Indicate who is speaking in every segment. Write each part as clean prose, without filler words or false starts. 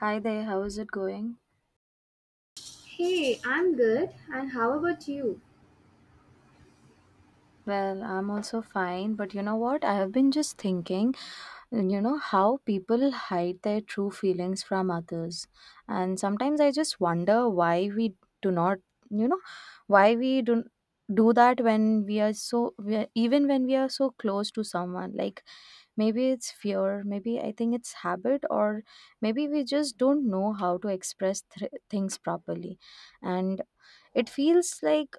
Speaker 1: Hi there, how is it going?
Speaker 2: Hey, I'm good. And how about you?
Speaker 1: Well, I'm also fine, but you know what? I have been just thinking, how people hide their true feelings from others. And sometimes I just wonder why we do not, you know, why we do that when we are even when we are so close to someone. Like maybe it's fear, maybe I think it's habit or maybe we just don't know how to express things properly. And it feels like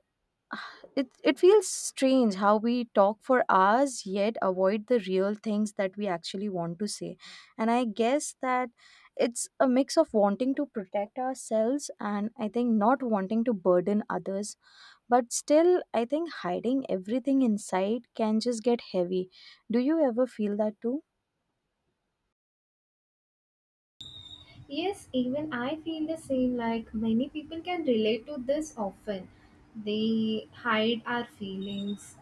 Speaker 1: it feels strange how we talk for hours yet avoid the real things that we actually want to say. And I guess that it's a mix of wanting to protect ourselves and I think not wanting to burden others. But still, I think hiding everything inside can just get heavy. Do you ever feel that too?
Speaker 2: Yes, even I feel the same. Like many people can relate to this often. They hide our feelings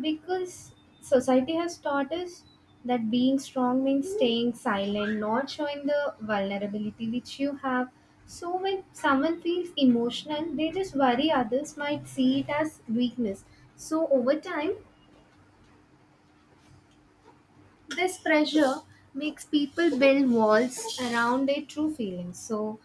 Speaker 2: because society has taught us that being strong means staying silent, not showing the vulnerability which you have. So when someone feels emotional, they just worry others might see it as weakness. So over time, this pressure makes people build walls around their true feelings. So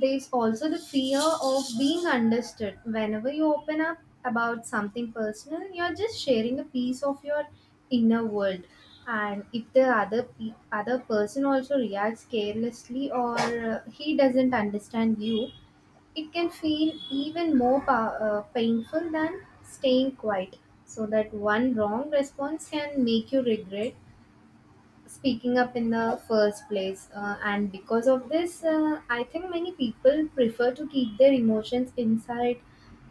Speaker 2: there's also the fear of being understood. Whenever you open up about something personal, you're just sharing a piece of your inner world. And if the other person also reacts carelessly or he doesn't understand you, it can feel even more painful than staying quiet. So that one wrong response can make you regret speaking up in the first place, and because of this, I think many people prefer to keep their emotions inside.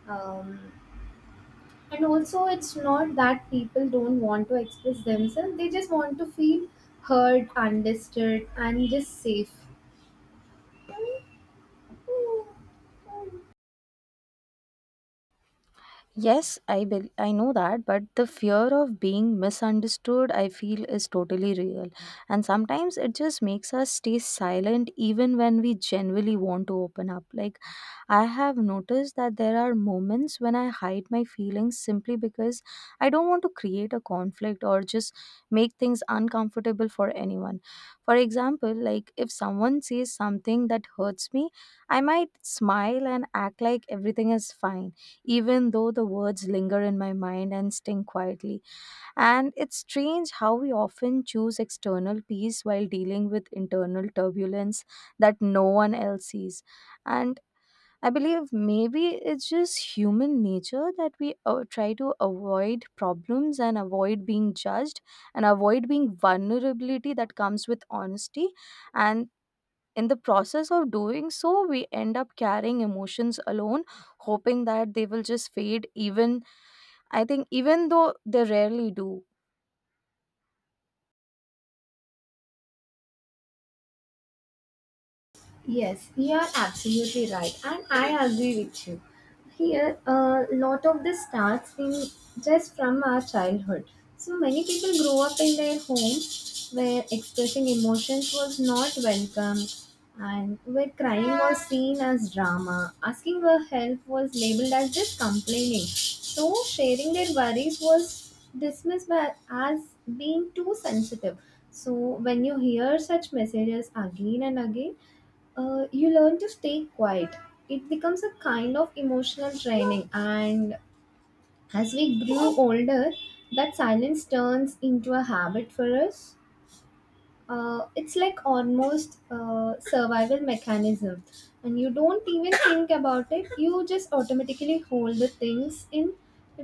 Speaker 2: um, and also, it's not that people don't want to express themselves, they just want to feel heard, understood, and just safe.
Speaker 1: Yes, I know that, but the fear of being misunderstood, I feel, is totally real. And sometimes it just makes us stay silent even when we genuinely want to open up. Like, I have noticed that there are moments when I hide my feelings simply because I don't want to create a conflict or just make things uncomfortable for anyone. For example, like if someone says something that hurts me, I might smile and act like everything is fine even though the words linger in my mind and sting quietly. And it's strange how we often choose external peace while dealing with internal turbulence that no one else sees. And I believe maybe it's just human nature that we try to avoid problems and avoid being judged and avoid being vulnerability that comes with honesty. And in the process of doing so, we end up carrying emotions alone, hoping that they will just fade, even I think, even though they rarely do.
Speaker 2: Yes, you are absolutely right, and I agree with you. Here, a lot of this starts in just from our childhood. So many people grow up in their homes where expressing emotions was not welcomed, and where crying was seen as drama, asking for help was labeled as just complaining. So sharing their worries was dismissed by, as being too sensitive. So when you hear such messages again and again, you learn to stay quiet. It becomes a kind of emotional training, and as we grew older, that silence turns into a habit for us. It's like almost a survival mechanism, and you don't even think about it, you just automatically hold the things in,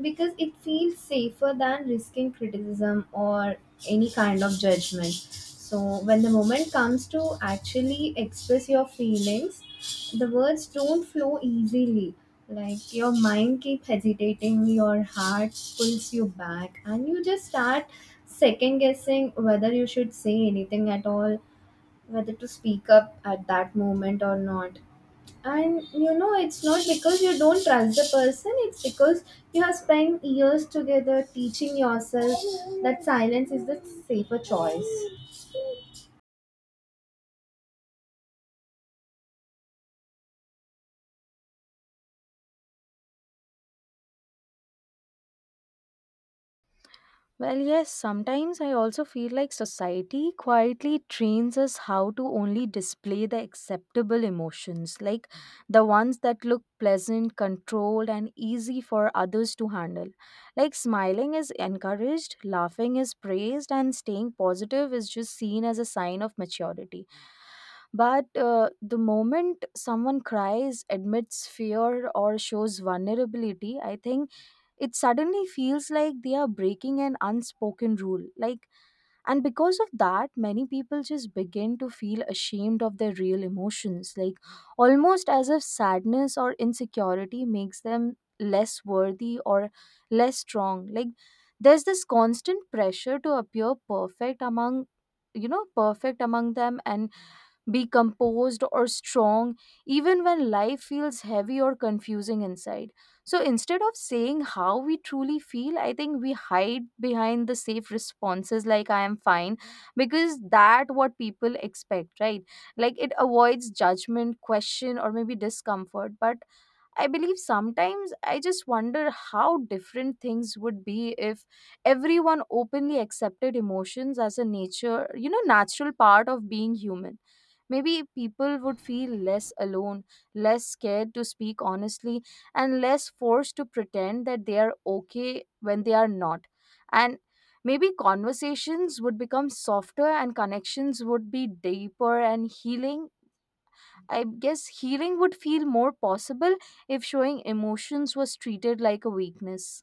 Speaker 2: because it feels safer than risking criticism or any kind of judgment. So when the moment comes to actually express your feelings, the words don't flow easily. Like your mind keep hesitating, your heart pulls you back, and you just start second guessing whether you should say anything at all, whether to speak up at that moment or not. And you know, it's not because you don't trust the person, it's because you have spent years together teaching yourself that silence is the safer choice.
Speaker 1: Well, yes, sometimes I also feel like society quietly trains us how to only display the acceptable emotions, like the ones that look pleasant, controlled, and easy for others to handle. Like smiling is encouraged, laughing is praised, and staying positive is just seen as a sign of maturity. But the moment someone cries, admits fear, or shows vulnerability, I think it suddenly feels like they are breaking an unspoken rule. Like, and because of that, many people just begin to feel ashamed of their real emotions. Like, almost as if sadness or insecurity makes them less worthy or less strong. Like, there's this constant pressure to appear perfect among them and be composed or strong even when life feels heavy or confusing inside. So instead of saying how we truly feel, I think we hide behind the safe responses like I am fine because that what people expect, right? Like it avoids judgment, question or maybe discomfort, but I believe sometimes I just wonder how different things would be if everyone openly accepted emotions as a natural part of being human. Maybe people would feel less alone, less scared to speak honestly, and less forced to pretend that they are okay when they are not. And maybe conversations would become softer and connections would be deeper and healing I guess healing would feel more possible if showing emotions was treated like a weakness.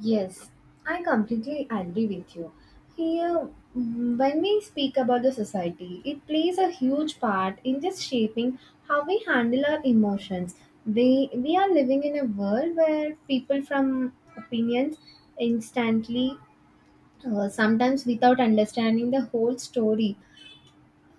Speaker 2: Yes, I completely agree with you. Here, when we speak about the society, it plays a huge part in just shaping how we handle our emotions. They, we are living in a world where people from opinions instantly, sometimes without understanding the whole story.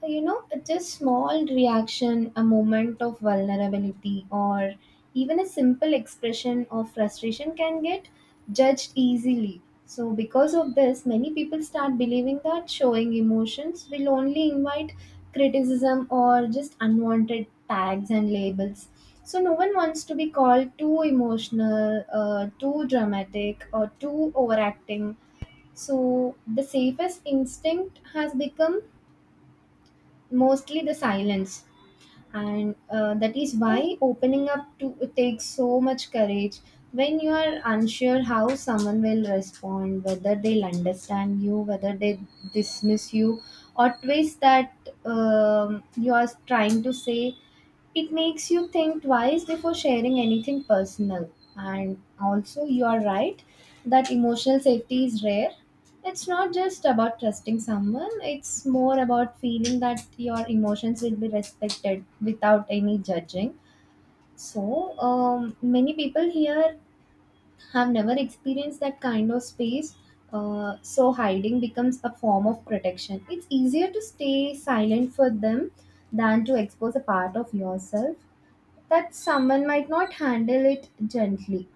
Speaker 2: So, you know, just small reaction, a moment of vulnerability, or even a simple expression of frustration can get judged easily. So because of this, many people start believing that showing emotions will only invite criticism or just unwanted tags and labels. So no one wants to be called too emotional, too dramatic, or too overacting. So the safest instinct has become mostly the silence. And that is why opening up to takes so much courage, when you are unsure how someone will respond, whether they'll understand you, whether they dismiss you or twist that you are trying to say. It makes you think twice before sharing anything personal. And also, you are right that emotional safety is rare. It's not just about trusting someone, it's more about feeling that your emotions will be respected without any judging. So, many people here have never experienced that kind of space. So, hiding becomes a form of protection. It's easier to stay silent for them than to expose a part of yourself that someone might not handle it gently.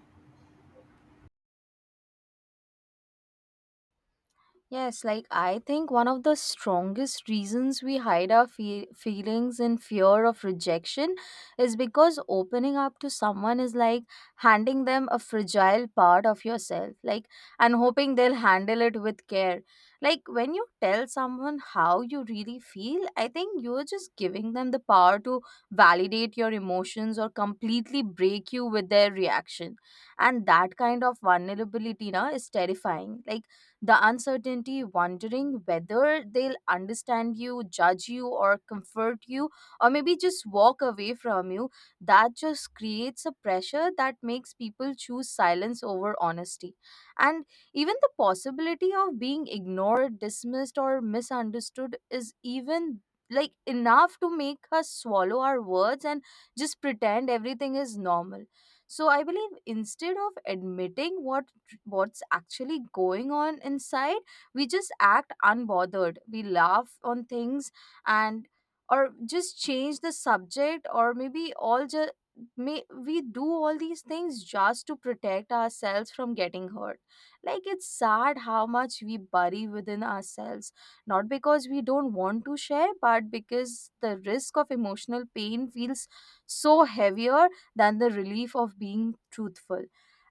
Speaker 1: Yes, like I think one of the strongest reasons we hide our feelings in fear of rejection is because opening up to someone is like handing them a fragile part of yourself, like, and hoping they'll handle it with care. Like, when you tell someone how you really feel, I think you're just giving them the power to validate your emotions or completely break you with their reaction. And that kind of vulnerability, na, is terrifying. Like, the uncertainty, wondering whether they'll understand you, judge you, or comfort you, or maybe just walk away from you, that just creates a pressure that makes people choose silence over honesty. And even the possibility of being ignored, dismissed, or misunderstood is even like enough to make us swallow our words and just pretend everything is normal. So I believe, instead of admitting what's actually going on inside, we just act unbothered, we laugh on things, and or just change the subject, or maybe all just may we do all these things just to protect ourselves from getting hurt. Like, it's sad how much we bury within ourselves, not because we don't want to share, but because the risk of emotional pain feels so heavier than the relief of being truthful.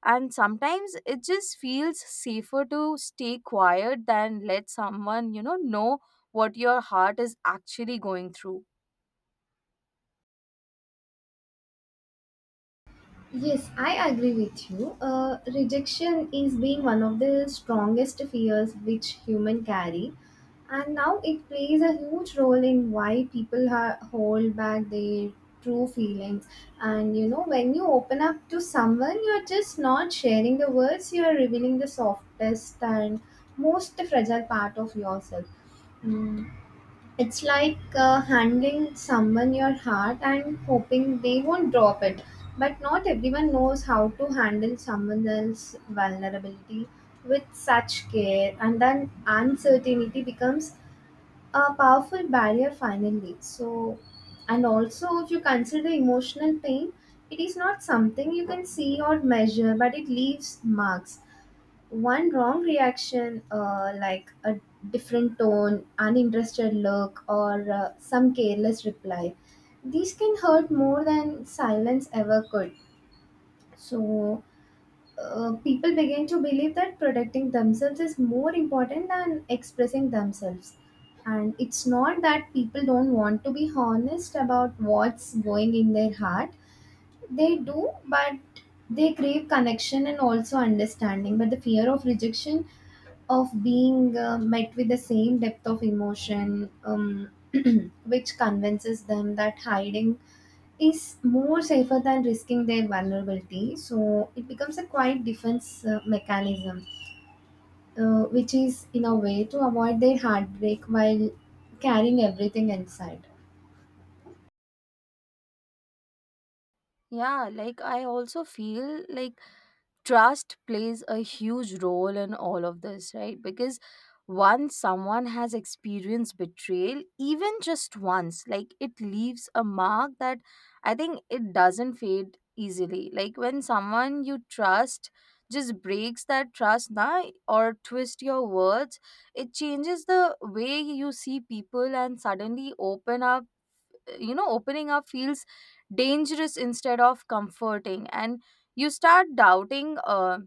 Speaker 1: And sometimes it just feels safer to stay quiet than let someone know what your heart is actually going through.
Speaker 2: Yes, I agree with you. Rejection is being one of the strongest fears which human carry, and now it plays a huge role in why people hold back their true feelings. And you know, when you open up to someone, you're just not sharing the words; you're revealing the softest and most fragile part of yourself. Mm. It's like handing someone your heart and hoping they won't drop it. But not everyone knows how to handle someone else's vulnerability with such care, and then uncertainty becomes a powerful barrier finally. So, and also, if you consider emotional pain, it is not something you can see or measure, but it leaves marks. One wrong reaction, like a different tone, uninterested look, or some careless reply, these can hurt more than silence ever could. So people begin to believe that protecting themselves is more important than expressing themselves. And it's not that people don't want to be honest about what's going in their heart, they do, but they crave connection and also understanding. But the fear of rejection, of being met with the same depth of emotion, which convinces them that hiding is more safer than risking their vulnerability. So it becomes a quite defense mechanism, which is in a way to avoid their heartbreak while carrying everything inside.
Speaker 1: Yeah, like I also feel like trust plays a huge role in all of this, right? Because once someone has experienced betrayal, even just once, like it leaves a mark that I think it doesn't fade easily. Like when someone you trust just breaks that trust, na, or twist your words, it changes the way you see people, and suddenly opening up feels dangerous instead of comforting. And you start doubting uh,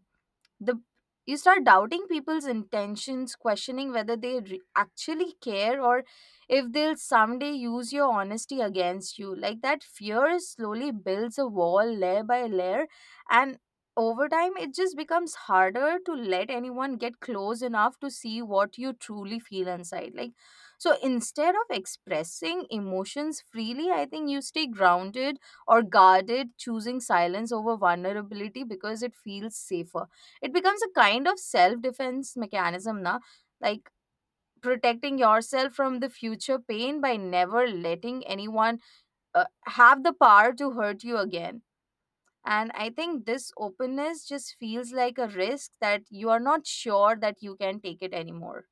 Speaker 1: the you start doubting people's intentions, questioning whether they actually care or if they'll someday use your honesty against you. Like, that fear slowly builds a wall, layer by layer, and over time it just becomes harder to let anyone get close enough to see what you truly feel inside. Like, so instead of expressing emotions freely, I think you stay grounded or guarded, choosing silence over vulnerability because it feels safer. It becomes a kind of self defense mechanism, na, like protecting yourself from the future pain by never letting anyone have the power to hurt you again. And I think this openness just feels like a risk that you are not sure that you can take it anymore.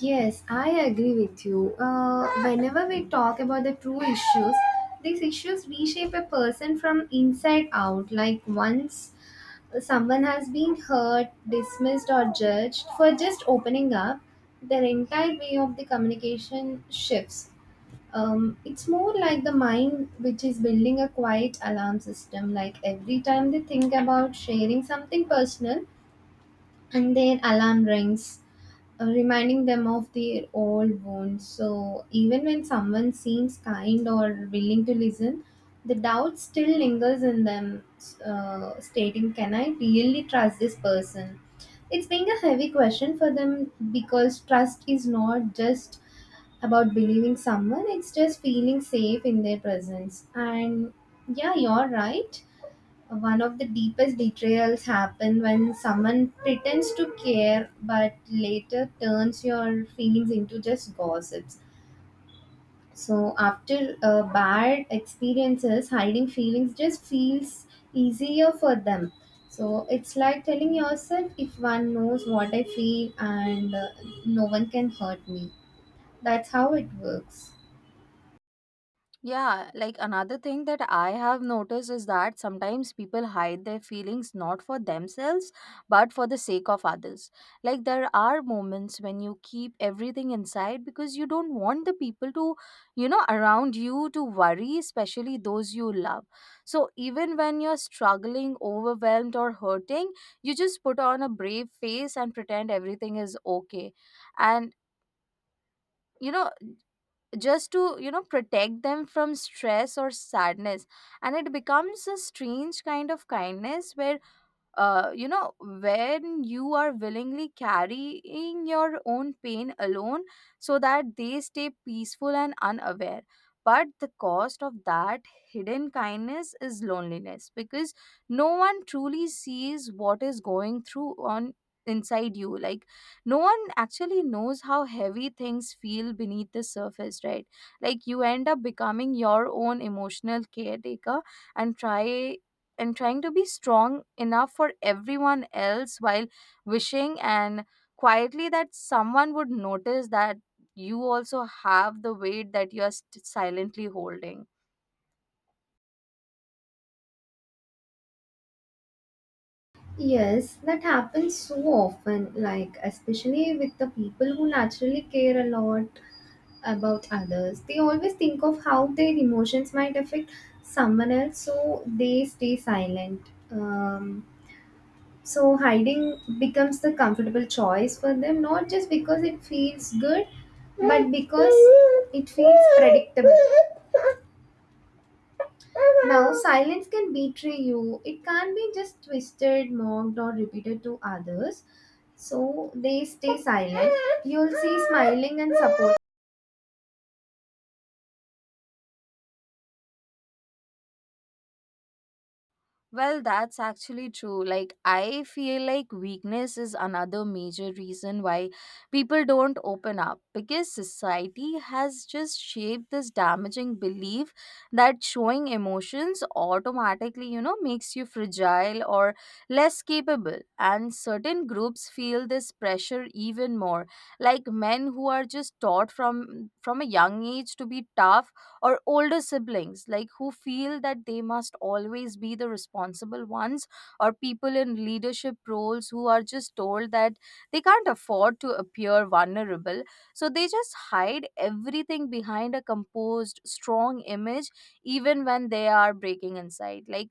Speaker 2: Yes, I agree with you. Whenever we talk about the true issues, these issues reshape a person from inside out. Like once someone has been hurt, dismissed, or judged for just opening up, their entire way of the communication shifts. It's more like the mind, which is building a quiet alarm system. Like every time they think about sharing something personal, and their alarm rings, reminding them of their old wounds. So even when someone seems kind or willing to listen, the doubt still lingers in them, stating, can I really trust this person? It's being a heavy question for them, because trust is not just about believing someone, it's just feeling safe in their presence. And yeah, you're right, one of the deepest betrayals happen when someone pretends to care but later turns your feelings into just gossips. So after bad experiences, hiding feelings just feels easier for them. So it's like telling yourself, if one knows what I feel, and no one can hurt me. That's how it works.
Speaker 1: Yeah, like another thing that I have noticed is that sometimes people hide their feelings not for themselves but for the sake of others. Like there are moments when you keep everything inside because you don't want the people to, around you to worry, especially those you love. So even when you're struggling, overwhelmed, or hurting, you just put on a brave face and pretend everything is okay. And you know just to protect them from stress or sadness. And it becomes a strange kind of kindness where, when you are willingly carrying your own pain alone so that they stay peaceful and unaware. But the cost of that hidden kindness is loneliness, because no one truly sees what is going through on inside you. Like, no one actually knows how heavy things feel beneath the surface, right? Like, you end up becoming your own emotional caretaker, and try and trying to be strong enough for everyone else, while wishing and quietly that someone would notice that you also have the weight that you are silently holding.
Speaker 2: Yes, that happens so often, like especially with the people who naturally care a lot about others. They always think of how their emotions might affect someone else, so they stay silent. So hiding becomes the comfortable choice for them, not just because it feels good, but because it feels predictable. Now, silence can betray you. It can't be just twisted, mocked, or repeated to others. So they stay silent. You'll see smiling and supportive.
Speaker 1: Well, that's actually true. Like, I feel like weakness is another major reason why people don't open up because society has just shaped this damaging belief that showing emotions automatically, makes you fragile or less capable. And certain groups feel this pressure even more. Like men who are just taught from a young age to be tough, or older siblings like who feel that they must always be the responsible ones, or people in leadership roles who are just told that they can't afford to appear vulnerable. So they just hide everything behind a composed strong image even when they are breaking inside. Like,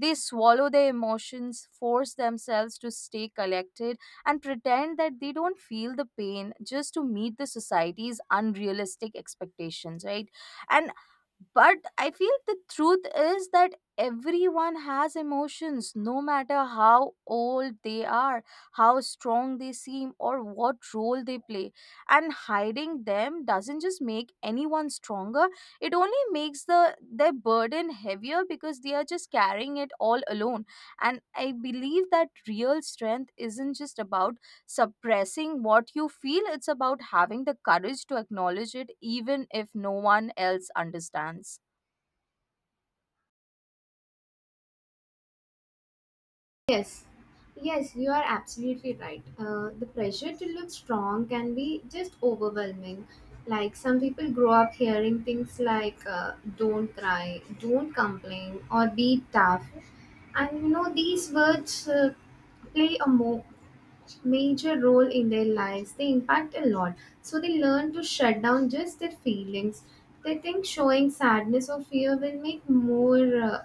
Speaker 1: they swallow their emotions, force themselves to stay collected, and pretend that they don't feel the pain just to meet the society's unrealistic expectations, right? And but I feel the truth is that everyone has emotions, no matter how old they are, how strong they seem, or what role they play. And hiding them doesn't just make anyone stronger, it only makes their burden heavier because they are just carrying it all alone. And I believe that real strength isn't just about suppressing what you feel. It's about having the courage to acknowledge it, even if no one else understands.
Speaker 2: Yes, yes, you are absolutely right. The pressure to look strong can be just overwhelming. Like some people grow up hearing things like "don't cry," "don't complain," or "be tough," and you know these words play a major role in their lives. They impact a lot, so they learn to shut down just their feelings. They think showing sadness or fear will make more uh,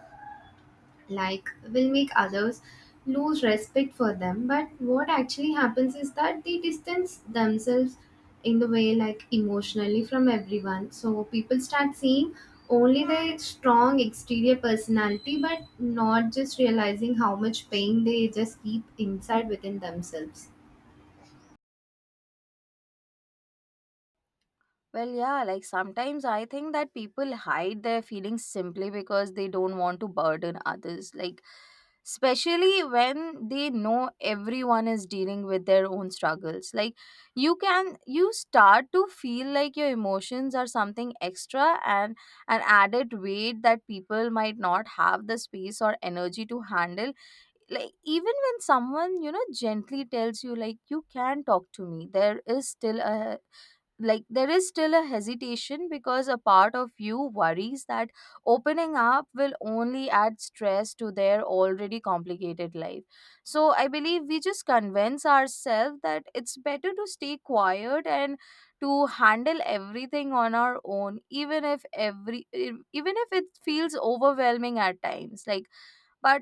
Speaker 2: like will make others lose respect for them, but what actually happens is that they distance themselves in the way like emotionally from everyone. So people start seeing only their strong exterior personality but not just realizing how much pain they just keep inside within themselves.
Speaker 1: Well, yeah, like sometimes I think that people hide their feelings simply because they don't want to burden others. Like, especially when they know everyone is dealing with their own struggles. Like, you start to feel like your emotions are something extra and an added weight that people might not have the space or energy to handle. Like even when someone gently tells you like you can talk to me, there is still a, there is still a hesitation because a part of you worries that opening up will only add stress to their already complicated life. So I believe we just convince ourselves that it's better to stay quiet and to handle everything on our own, even if even if it feels overwhelming at times. Like but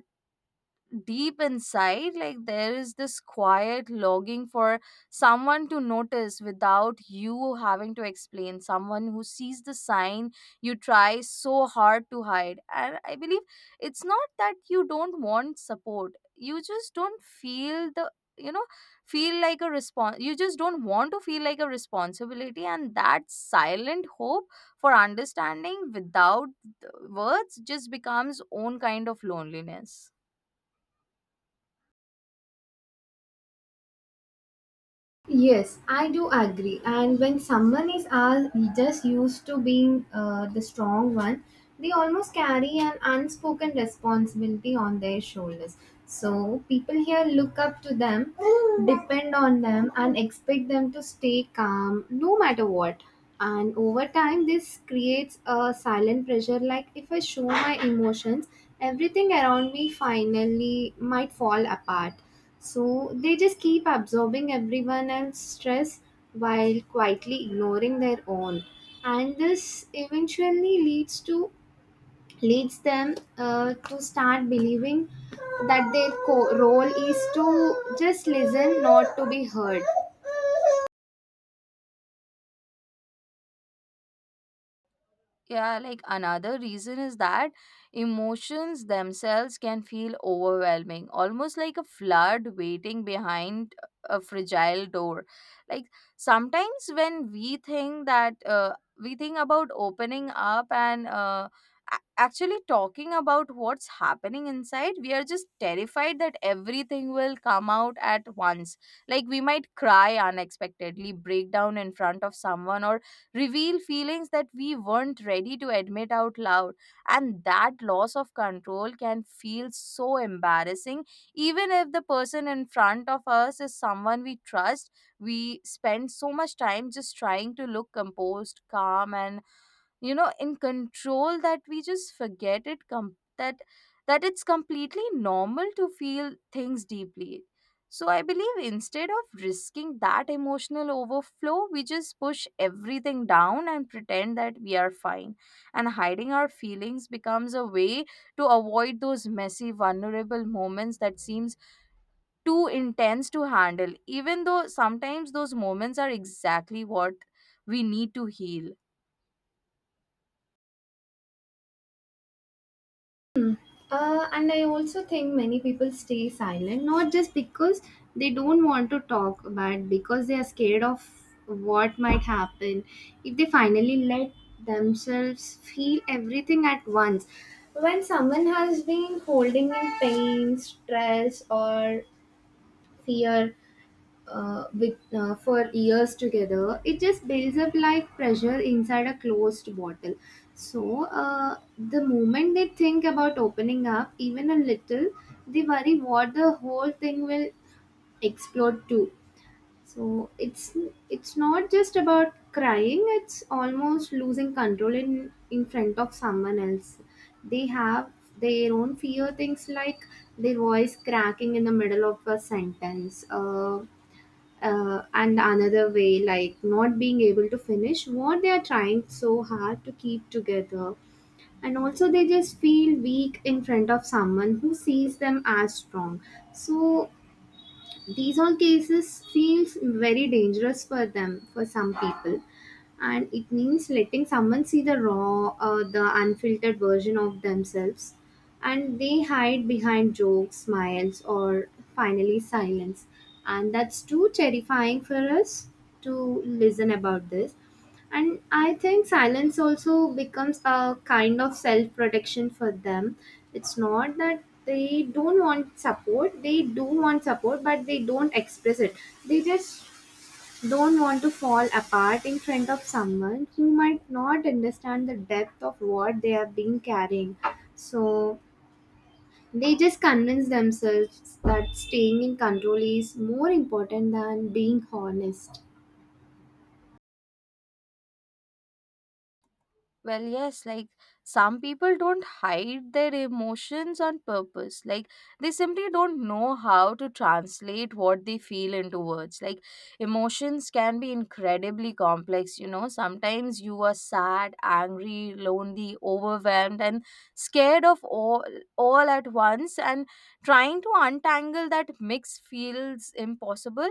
Speaker 1: deep inside, like there is this quiet longing for someone to notice without you having to explain. Someone who sees the sign you try so hard to hide. And I believe it's not that you don't want support, you just don't feel the, you know feel like a response, you just don't want to feel like a responsibility. And that silent hope for understanding without the words just becomes own kind of loneliness.
Speaker 2: Yes, I do agree. And when someone is all just used to being the strong one, they almost carry an unspoken responsibility on their shoulders. So people here look up to them, depend on them, and expect them to stay calm no matter what. And over time, this creates a silent pressure, like if I show my emotions, everything around me finally might fall apart. So they just keep absorbing everyone else's stress while quietly ignoring their own. And this eventually leads to leads them, to start believing that their role is to just listen, not to be heard.
Speaker 1: Yeah, like another reason is that emotions themselves can feel overwhelming, almost like a flood waiting behind a fragile door. Like sometimes when we think that we think about opening up and actually talking about what's happening inside, we are just terrified that everything will come out at once. Like we might cry unexpectedly, break down in front of someone, or reveal feelings that we weren't ready to admit out loud. And that loss of control can feel so embarrassing, even if the person in front of us is someone we trust. We spend so much time just trying to look composed, calm, and in control, that we just forget it com- that that it's completely normal to feel things deeply. So I believe instead of risking that emotional overflow, we just push everything down and pretend that we are fine. And hiding our feelings becomes a way to avoid those messy vulnerable moments that seems too intense to handle, even though sometimes those moments are exactly what we need to heal.
Speaker 2: And I also think many people stay silent, not just because they don't want to talk, but because they are scared of what might happen if they finally let themselves feel everything at once. When someone has been holding in pain, stress, or fear with for years together, it just builds up like pressure inside a closed bottle. So the moment they think about opening up even a little, they worry what the whole thing will explode to. So it's it's not just about crying, it's almost losing control in front of someone else. They have their own fear, things like their voice cracking in the middle of a sentence, and another way like not being able to finish what they are trying so hard to keep together, and also they just feel weak in front of someone who sees them as strong. So these all cases feels very dangerous for them, for some people, and it means letting someone see the raw, the unfiltered version of themselves, and they hide behind jokes, smiles, or finally silence, and that's too terrifying for us to listen about this. And I think silence also becomes a kind of self protection for them. It's not that they don't want support, they do want support, but they don't express it. They just don't want to fall apart in front of someone who might not understand the depth of what they have been carrying. So they just convince themselves that staying in control is more important than being honest.
Speaker 1: Well, yes, like some people don't hide their emotions on purpose. Like they simply don't know how to translate what they feel into words. Like emotions can be incredibly complex, you know. Sometimes you are sad, angry, lonely, overwhelmed, and scared of all at once. And trying to untangle that mix feels impossible,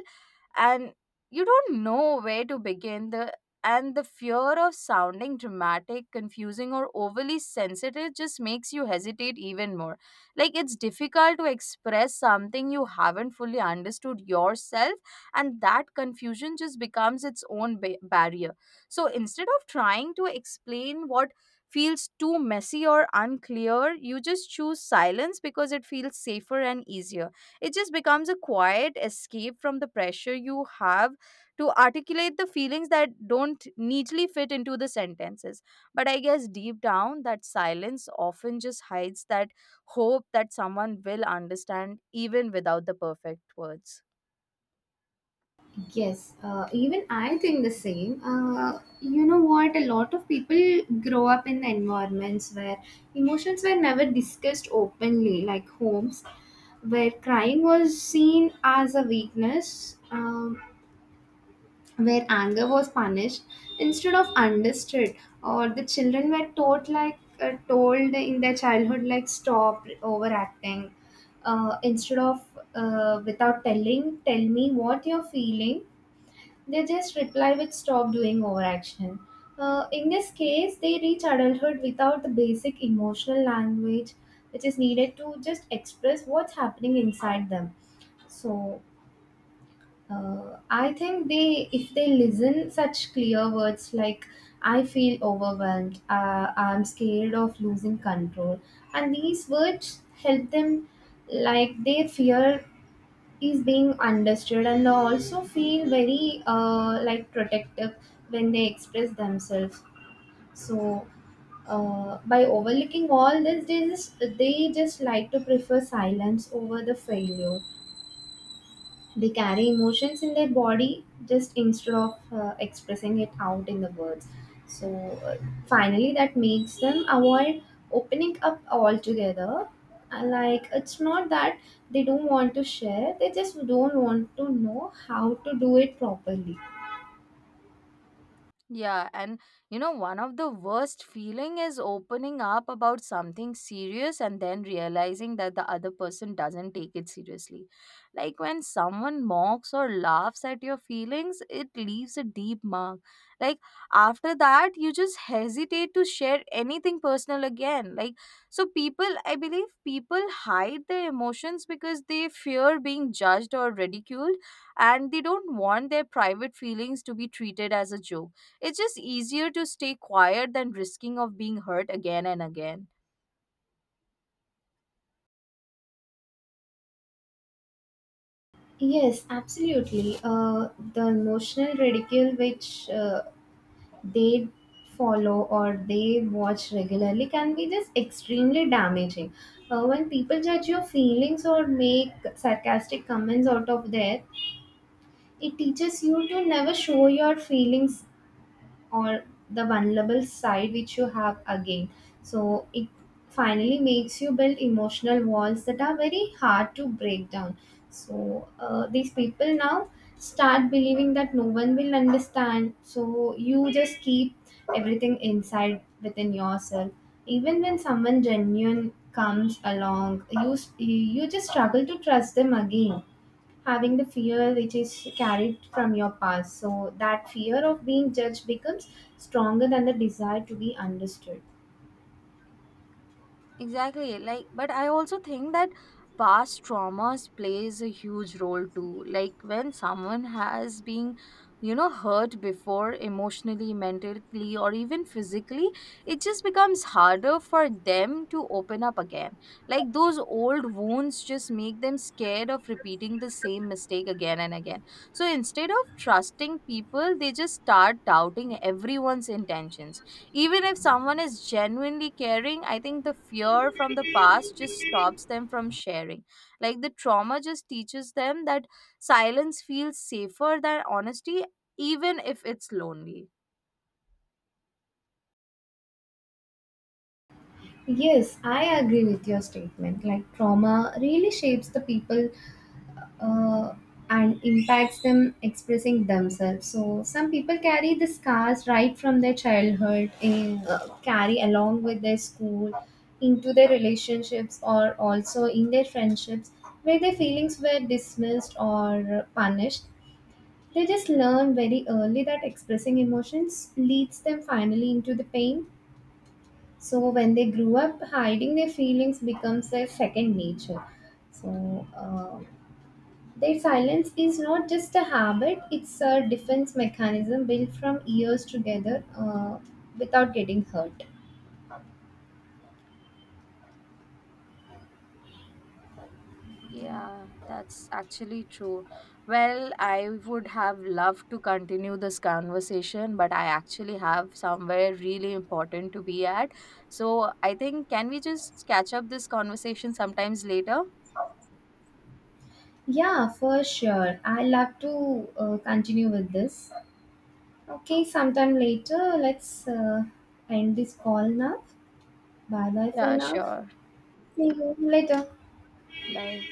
Speaker 1: and you don't know where to begin the, and the fear of sounding dramatic, confusing, or overly sensitive just makes you hesitate even more. Like it's difficult to express something you haven't fully understood yourself, and that confusion just becomes its barrier. So instead of trying to explain what feels too messy or unclear, you just choose silence because it feels safer and easier. It just becomes a quiet escape from the pressure you have to articulate the feelings that don't neatly fit into the sentences. But I guess deep down, that silence often just hides that hope that someone will understand, even without the perfect words.
Speaker 2: Yes, even I think the same. You know what? A lot of people grow up in environments where emotions were never discussed openly, like homes where crying was seen as a weakness, where anger was punished instead of understood, or the children were taught like told in their childhood like stop overacting, instead of without telling, tell me what you're feeling. They just reply with stop doing overaction. In this case, they reach adulthood without the basic emotional language which is needed to just express what's happening inside them. So I think they, if they listen such clear words like "I feel overwhelmed," "I'm scared of losing control," and these words help them like their fear is being understood and also feel very like protective when they express themselves. So by overlooking all this, they just like to prefer silence over the failure. They carry emotions in their body just instead of expressing it out in the words. So uh, finally, that makes them avoid opening up altogether. And like it's not that they don't want to share; they just don't want to know how to do it properly.
Speaker 1: Yeah, and you know, one of the worst feeling is opening up about something serious and then realizing that the other person doesn't take it seriously. Like when someone mocks or laughs at your feelings, it leaves a deep mark. Like after that, you just hesitate to share anything personal again. Like so people, I believe people hide their emotions because they fear being judged or ridiculed, and they don't want their private feelings to be treated as a joke. It's just easier to stay quiet than risking of being hurt again and again.
Speaker 2: Yes, absolutely. The emotional ridicule which they follow or they watch regularly can be just extremely damaging. When people judge your feelings or make sarcastic comments out of there, it teaches you to never show your feelings or the vulnerable side which you have again. So it finally makes you build emotional walls that are very hard to break down. So these people now start believing that no one will understand, so you just keep everything inside within yourself. Even when someone genuine comes along, you just struggle to trust them again, having the fear which is carried from your past. So that fear of being judged becomes stronger than the desire to be understood.
Speaker 1: Exactly. Like, but I also think that past traumas plays a huge role too. Like when someone has been, you know, hurt before emotionally, mentally, or even physically, it just becomes harder for them to open up again. Like those old wounds just make them scared of repeating the same mistake again and again. So instead of trusting people, they just start doubting everyone's intentions, even if someone is genuinely caring. I think the fear from the past just stops them from sharing. Like the trauma just teaches them that silence feels safer than honesty, even if it's lonely.
Speaker 2: Yes, I agree with your statement. Like trauma really shapes the people uh, and impacts them expressing themselves. So some people carry the scars right from their childhood, in, carry along with their school, into their relationships, or also in their friendships, where their feelings were dismissed or punished. They just learn very early that expressing emotions leads them finally into the pain. So when they grew up, hiding their feelings becomes their second nature. So their silence is not just a habit; it's a defense mechanism built from years together without getting hurt.
Speaker 1: Yeah, that's actually true. Well, I would have loved to continue this conversation, but I actually have somewhere really important to be at. So I think, can we just catch up this conversation sometimes later?
Speaker 2: Yeah, for sure. I love to continue with this. Okay, sometime later. Let's end this call now. Bye bye for
Speaker 1: Yeah,
Speaker 2: now.
Speaker 1: sure.
Speaker 2: See you later.
Speaker 1: Bye.